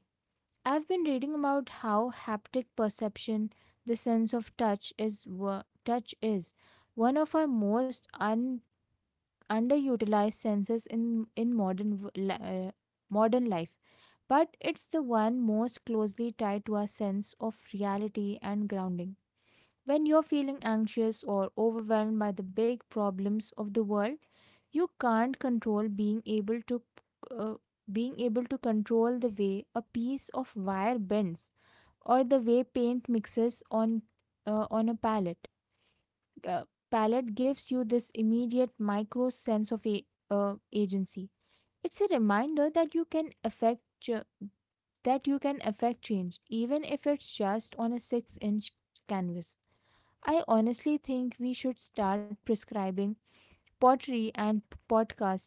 S1: I've been reading about how haptic perception, the sense of touch, is wo- touch is one of our most un- underutilized senses in in modern w- li- uh, modern life. But it's the one most closely tied to our sense of reality and grounding. When you're feeling anxious or overwhelmed by the big problems of the world, you can't control being able to uh, being able to control the way a piece of wire bends or the way paint mixes on uh, on a palette. Uh, Palette gives you this immediate micro sense of a, uh, agency. It's a reminder that you can affect ch- that you can affect change, even if it's just on a six inch canvas. I honestly think we should start prescribing pottery and podcast,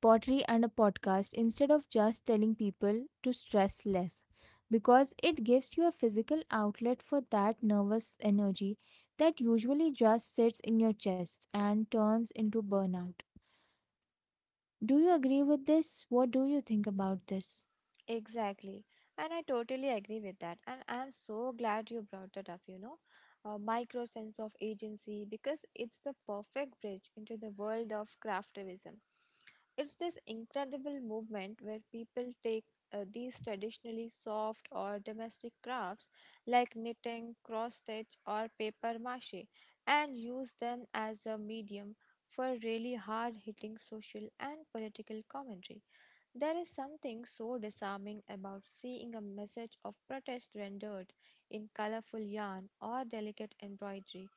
S1: pottery and a podcast instead of just telling people to stress less because it gives you a physical outlet for that nervous energy that usually just sits in your chest and turns into burnout. Do you agree with this? What do you think about this?
S2: Exactly. And I totally agree with that. And I'm so glad you brought that up, you know, a micro sense of agency because it's the perfect bridge into the world of craftivism. It's this incredible movement where people take uh, these traditionally soft or domestic crafts like knitting, cross stitch, or paper mache and use them as a medium for really hard hitting social and political commentary. There is something so disarming about seeing a message of protest rendered in colorful yarn or delicate embroidery.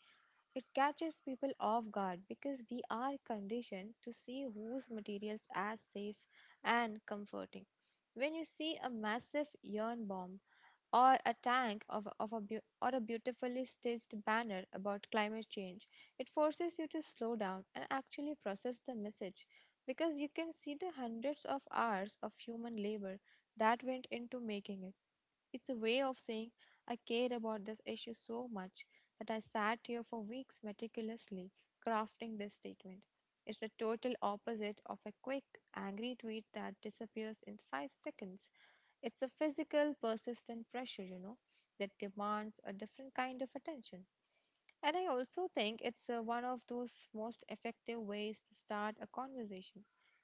S2: It catches people off guard because we are conditioned to see whose materials as safe and comforting. When you see a massive yarn bomb or a tank of, of a beau- or a beautifully stitched banner about climate change. It forces you to slow down and actually process the message because you can see the hundreds of hours of human labor that went into making it. It's a way of saying, I care about this issue so much that I sat here for weeks meticulously crafting this statement. It's the total opposite of a quick, angry tweet that disappears in five seconds. It's a physical, persistent pressure, you know, that demands a different kind of attention. And I also think it's uh, one of those most effective ways to start a conversation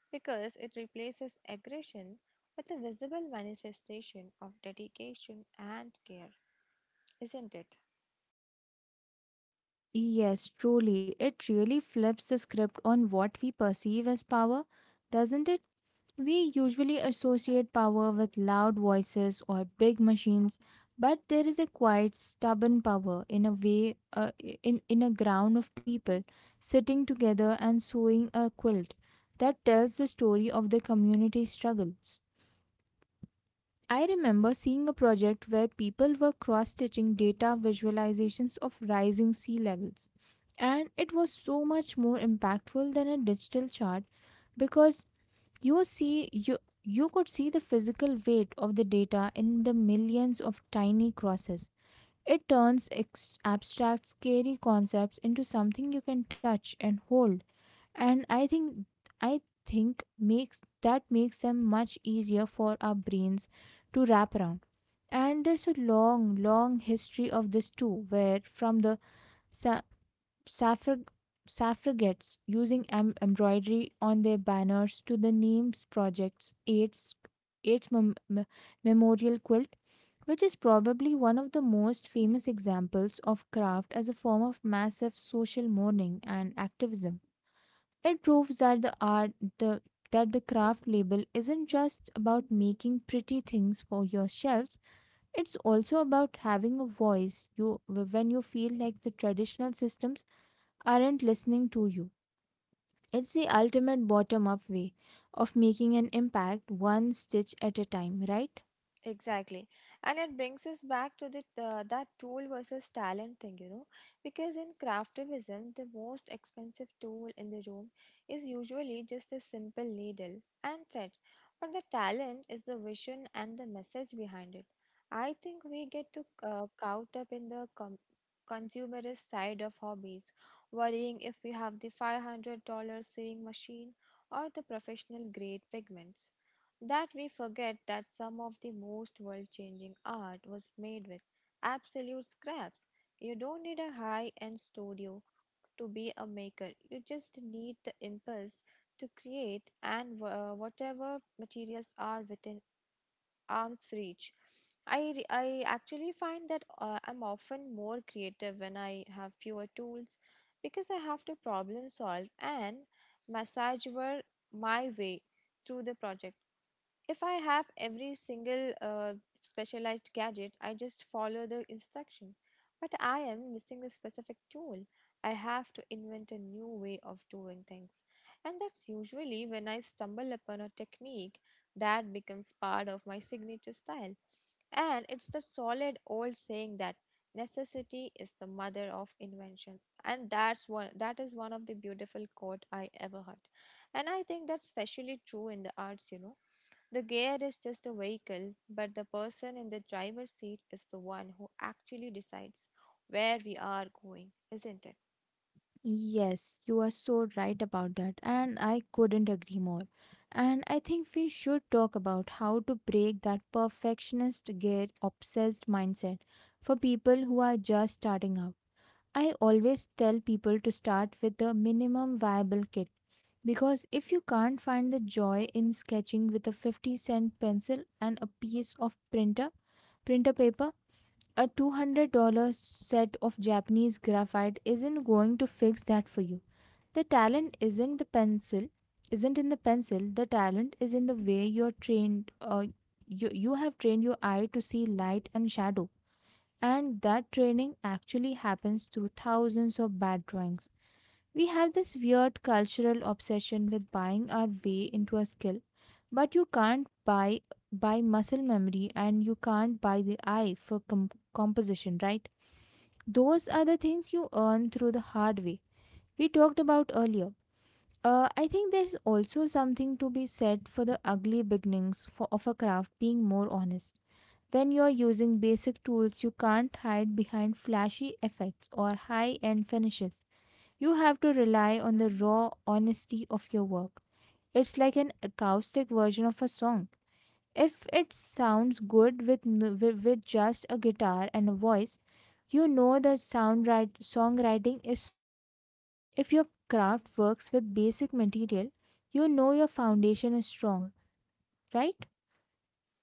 S2: because it replaces aggression with a visible manifestation of dedication and care, isn't it?
S1: Yes, truly. It really flips the script on what we perceive as power, doesn't it? We usually associate power with loud voices or big machines, but there is a quiet, stubborn power in a way, uh, in, in a ground of people sitting together and sewing a quilt that tells the story of the community struggle. I remember seeing a project where people were cross stitching data visualizations of rising sea levels, and it was so much more impactful than a digital chart because you see you you could see the physical weight of the data in the millions of tiny crosses. It turns ex- abstract, scary concepts into something you can touch and hold, and I think I think makes that makes them much easier for our brains to wrap around. And there's a long, long history of this too, where from the sa- suffrag- suffragettes using em- embroidery on their banners to the Names Project's AIDS, AIDS mem- me- Memorial Quilt, which is probably one of the most famous examples of craft as a form of massive social mourning and activism. It proves that the art the that the craft label isn't just about making pretty things for your shelves, it's also about having a voice you when you feel like the traditional systems aren't listening to you. It's the ultimate bottom up way of making an impact one stitch at a time, right?
S2: Exactly. And it brings us back to the, uh, that tool versus talent thing, you know, because in craftivism, the most expensive tool in the room is usually just a simple needle and thread, but the talent is the vision and the message behind it. I think we get to uh, caught up in the com- consumerist side of hobbies, worrying if we have the five hundred dollar sewing machine or the professional grade pigments that we forget that some of the most world changing art was made with absolute scraps. You don't need a high end studio to be a maker, you just need the impulse to create and uh, whatever materials are within arm's reach. I, re- I actually find that uh, I'm often more creative when I have fewer tools because I have to problem solve and massage my way through the project. If I have every single uh, specialized gadget, I just follow the instruction. But I am missing the specific tool. I have to invent a new way of doing things. And that's usually when I stumble upon a technique that becomes part of my signature style. And it's the solid old saying that necessity is the mother of invention. And that's one, that is one of the beautiful quote I ever heard. And I think that's especially true in the arts, you know, the gear is just a vehicle, but the person in the driver's seat is the one who actually decides where we are going, isn't it?
S1: Yes, you are so right about that, and I couldn't agree more. And I think we should talk about how to break that perfectionist gear obsessed mindset for people who are just starting out. I always tell people to start with the minimum viable kit because if you can't find the joy in sketching with a fifty cent pencil and a piece of printer, printer paper, a two hundred dollars set of Japanese graphite isn't going to fix that for you. The talent isn't the pencil, isn't in the pencil. The talent is in the way you're trained. Uh, you you have trained your eye to see light and shadow, and that training actually happens through thousands of bad drawings. We have this weird cultural obsession with buying our way into a skill, but you can't buy buy muscle memory and you can't buy the eye for com- composition, right? Those are the things you earn through the hard way we talked about earlier. Uh, I think there's also something to be said for the ugly beginnings for, of a craft being more honest. When you're using basic tools, you can't hide behind flashy effects or high end finishes. You have to rely on the raw honesty of your work. It's like an acoustic version of a song. If it sounds good with, n- with with just a guitar and a voice, you know the sound write, songwriting is solid. If your craft works with basic material, you know your foundation is strong, right?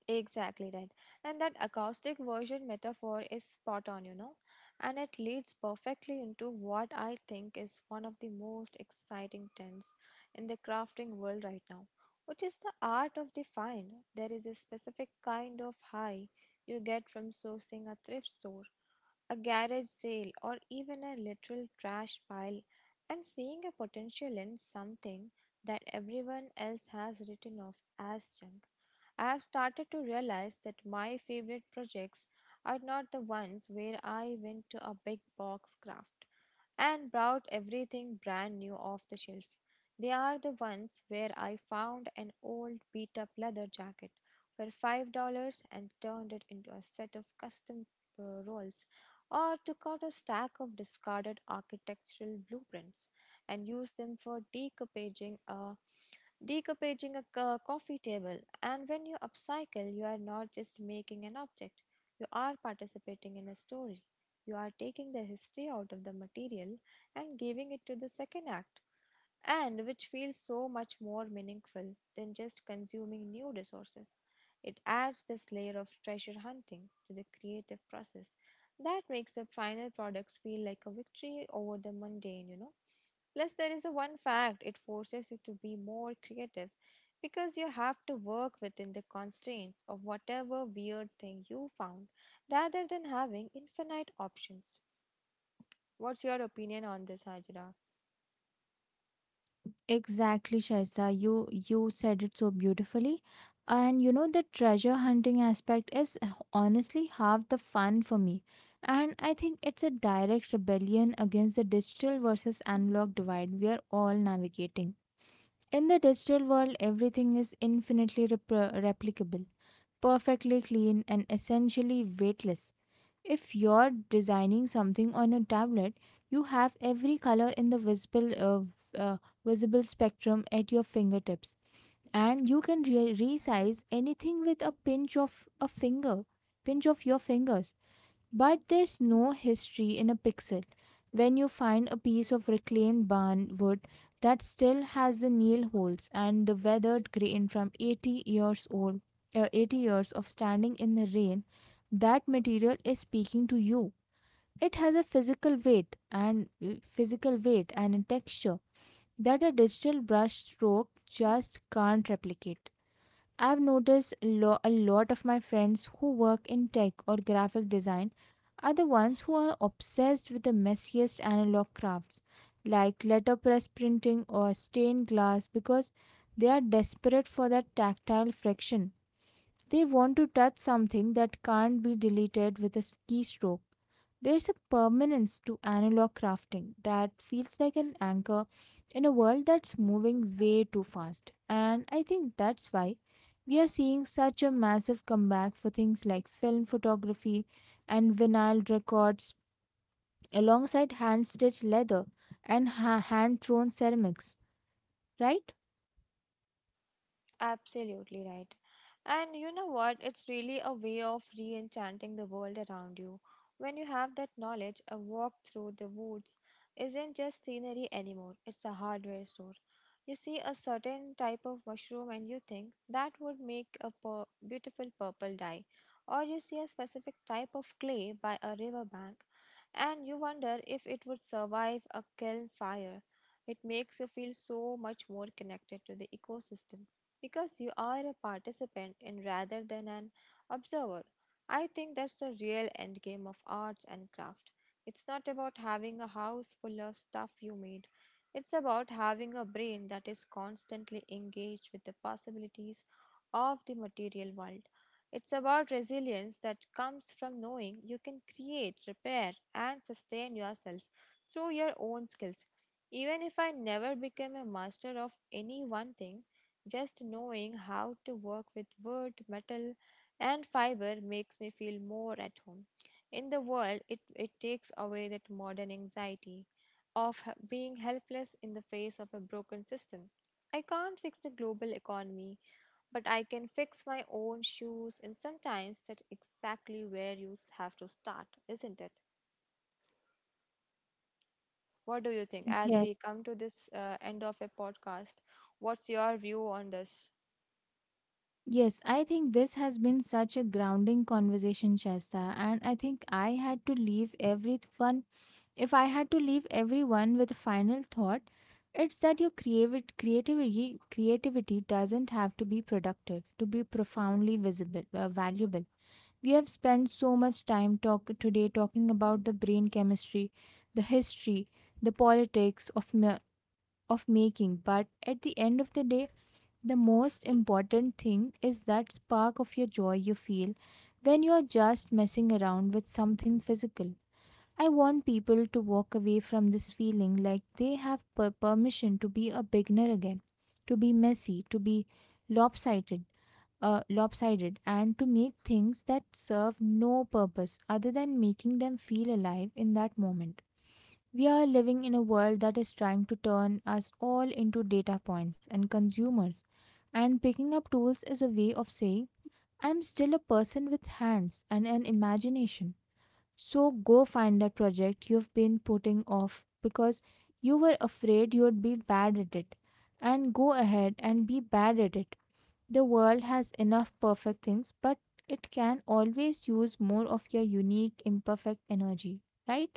S2: Exactly right. And that acoustic version metaphor is spot on, you know, and it leads perfectly into what I think is one of the most exciting trends in the crafting world right now, which is the art of the find. There is a specific kind of high you get from sourcing a thrift store, a garage sale, or even a literal trash pile, and seeing a potential in something that everyone else has written off as junk. I have started to realize that my favorite projects are not the ones where I went to a big box craft and brought everything brand new off the shelf. They are the ones where I found an old beat up leather jacket for five dollars and turned it into a set of custom uh, rolls, or took out a stack of discarded architectural blueprints and used them for decoupaging a decoupaging a co- coffee table. And when you upcycle, you are not just making an object, you are participating in a story. You are taking the history out of the material and giving it to the second act, and which feels so much more meaningful than just consuming new resources. It adds this layer of treasure hunting to the creative process that makes the final products feel like a victory over the mundane, you know. Plus, there is a one fact it forces you to be more creative because you have to work within the constraints of whatever weird thing you found rather than having infinite options. What's your opinion on this, Hajra?
S1: Exactly, Shaisa. You you said it so beautifully. And you know the treasure hunting aspect is h- honestly half the fun for me. And I think it's a direct rebellion against the digital versus analog divide we are all navigating. In the digital world, everything is infinitely repro- replicable, perfectly clean, and essentially weightless. If you're designing something on a tablet, you have every color in the visible, uh, v- uh, visible spectrum at your fingertips, and you can re- resize anything with a pinch of a finger, pinch of your fingers. But there's no history in a pixel. When you find a piece of reclaimed barn wood that still has the nail holes and the weathered grain from eighty years old, uh, eighty years of standing in the rain, that material is speaking to you. It has a physical weight and uh, physical weight and a texture that a digital brush stroke just can't replicate. I've noticed lo- a lot of my friends who work in tech or graphic design are the ones who are obsessed with the messiest analog crafts like letterpress printing or stained glass because they are desperate for that tactile friction. They want to touch something that can't be deleted with a s- keystroke. There's a permanence to analog crafting that feels like an anchor in a world that's moving way too fast. And I think that's why we are seeing such a massive comeback for things like film photography and vinyl records, alongside hand stitched leather and ha- hand thrown ceramics, right?
S2: Absolutely right. And you know what? It's really a way of re enchanting the world around you. When you have that knowledge, a walk through the woods isn't just scenery anymore, it's a hardware store. You see a certain type of mushroom and you think that would make a pur- beautiful purple dye. Or you see a specific type of clay by a riverbank and you wonder if it would survive a kiln fire. It makes you feel so much more connected to the ecosystem because you are a participant and rather than an observer. I think that's the real end game of arts and craft. It's not about having a house full of stuff you made. It's about having a brain that is constantly engaged with the possibilities of the material world. It's about resilience that comes from knowing you can create, repair, and sustain yourself through your own skills. Even if I never became a master of any one thing, just knowing how to work with wood, metal, and fiber makes me feel more at home. In the world, it, it takes away that modern anxiety of h- being helpless in the face of a broken system. I can't fix the global economy, but I can fix my own shoes, and sometimes that's exactly where you s- have to start, isn't it? What do you think? As we
S1: Yes.
S2: come to this uh, end of a podcast, what's your view on this?
S1: Yes, I think this has been such a grounding conversation, Shasta, and I think I had to leave everyone. If I had to leave everyone with a final thought, it's that your creavi- creativity creativity doesn't have to be productive to be profoundly visible, uh, valuable. We have spent so much time talk today talking about the brain chemistry, the history, the politics of mi- of making. But at the end of the day, the most important thing is that spark of your joy you feel when you are just messing around with something physical. I want people to walk away from this feeling like they have per- permission to be a beginner again, to be messy, to be lopsided, uh, lopsided, and to make things that serve no purpose other than making them feel alive in that moment. We are living in a world that is trying to turn us all into data points and consumers, and picking up tools is a way of saying, I'm still a person with hands and an imagination. So go find that project you've been putting off because you were afraid you'd be bad at it, and go ahead and be bad at it. The world has enough perfect things, but it can always use more of your unique, imperfect energy, right?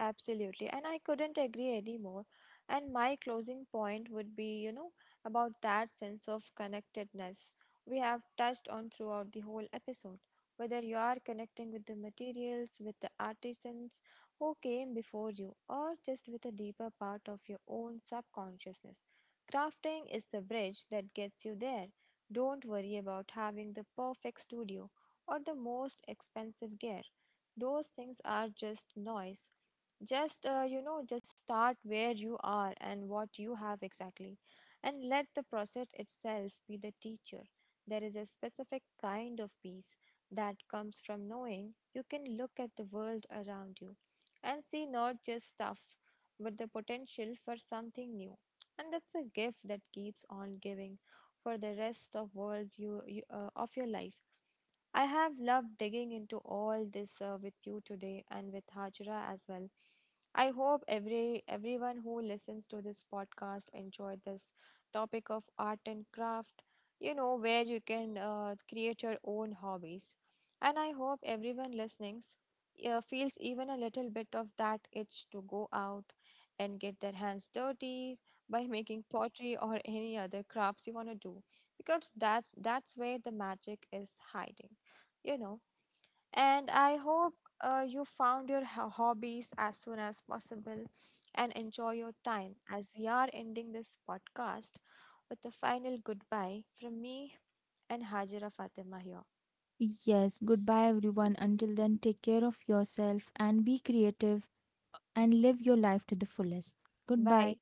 S2: Absolutely, and I couldn't agree anymore. And my closing point would be, you know, about that sense of connectedness we have touched on throughout the whole episode. Whether you are connecting with the materials, with the artisans who came before you, or just with a deeper part of your own subconsciousness, crafting is the bridge that gets you there. Don't worry about having the perfect studio or the most expensive gear. Those things are just noise, just uh, you know just start where you are and what you have exactly, and let the process itself be the teacher. There is a specific kind of peace that comes from knowing you can look at the world around you and see not just stuff, but the potential for something new, and that's a gift that keeps on giving for the rest of world you, you uh, of your life. I have loved digging into all this uh, with you today and with Hajra as well. I hope every everyone who listens to this podcast enjoyed this topic of art and craft, you know, where you can uh, create your own hobbies. And I hope everyone listening uh, feels even a little bit of that itch to go out and get their hands dirty by making pottery or any other crafts you want to do because that's that's where the magic is hiding, you know. And I hope uh, you found your ho- hobbies as soon as possible and enjoy your time as we are ending this podcast with a final goodbye from me and Hajira Fatima here.
S1: Yes, goodbye everyone. Until then, take care of yourself and be creative and live your life to the fullest. Goodbye.
S2: Bye.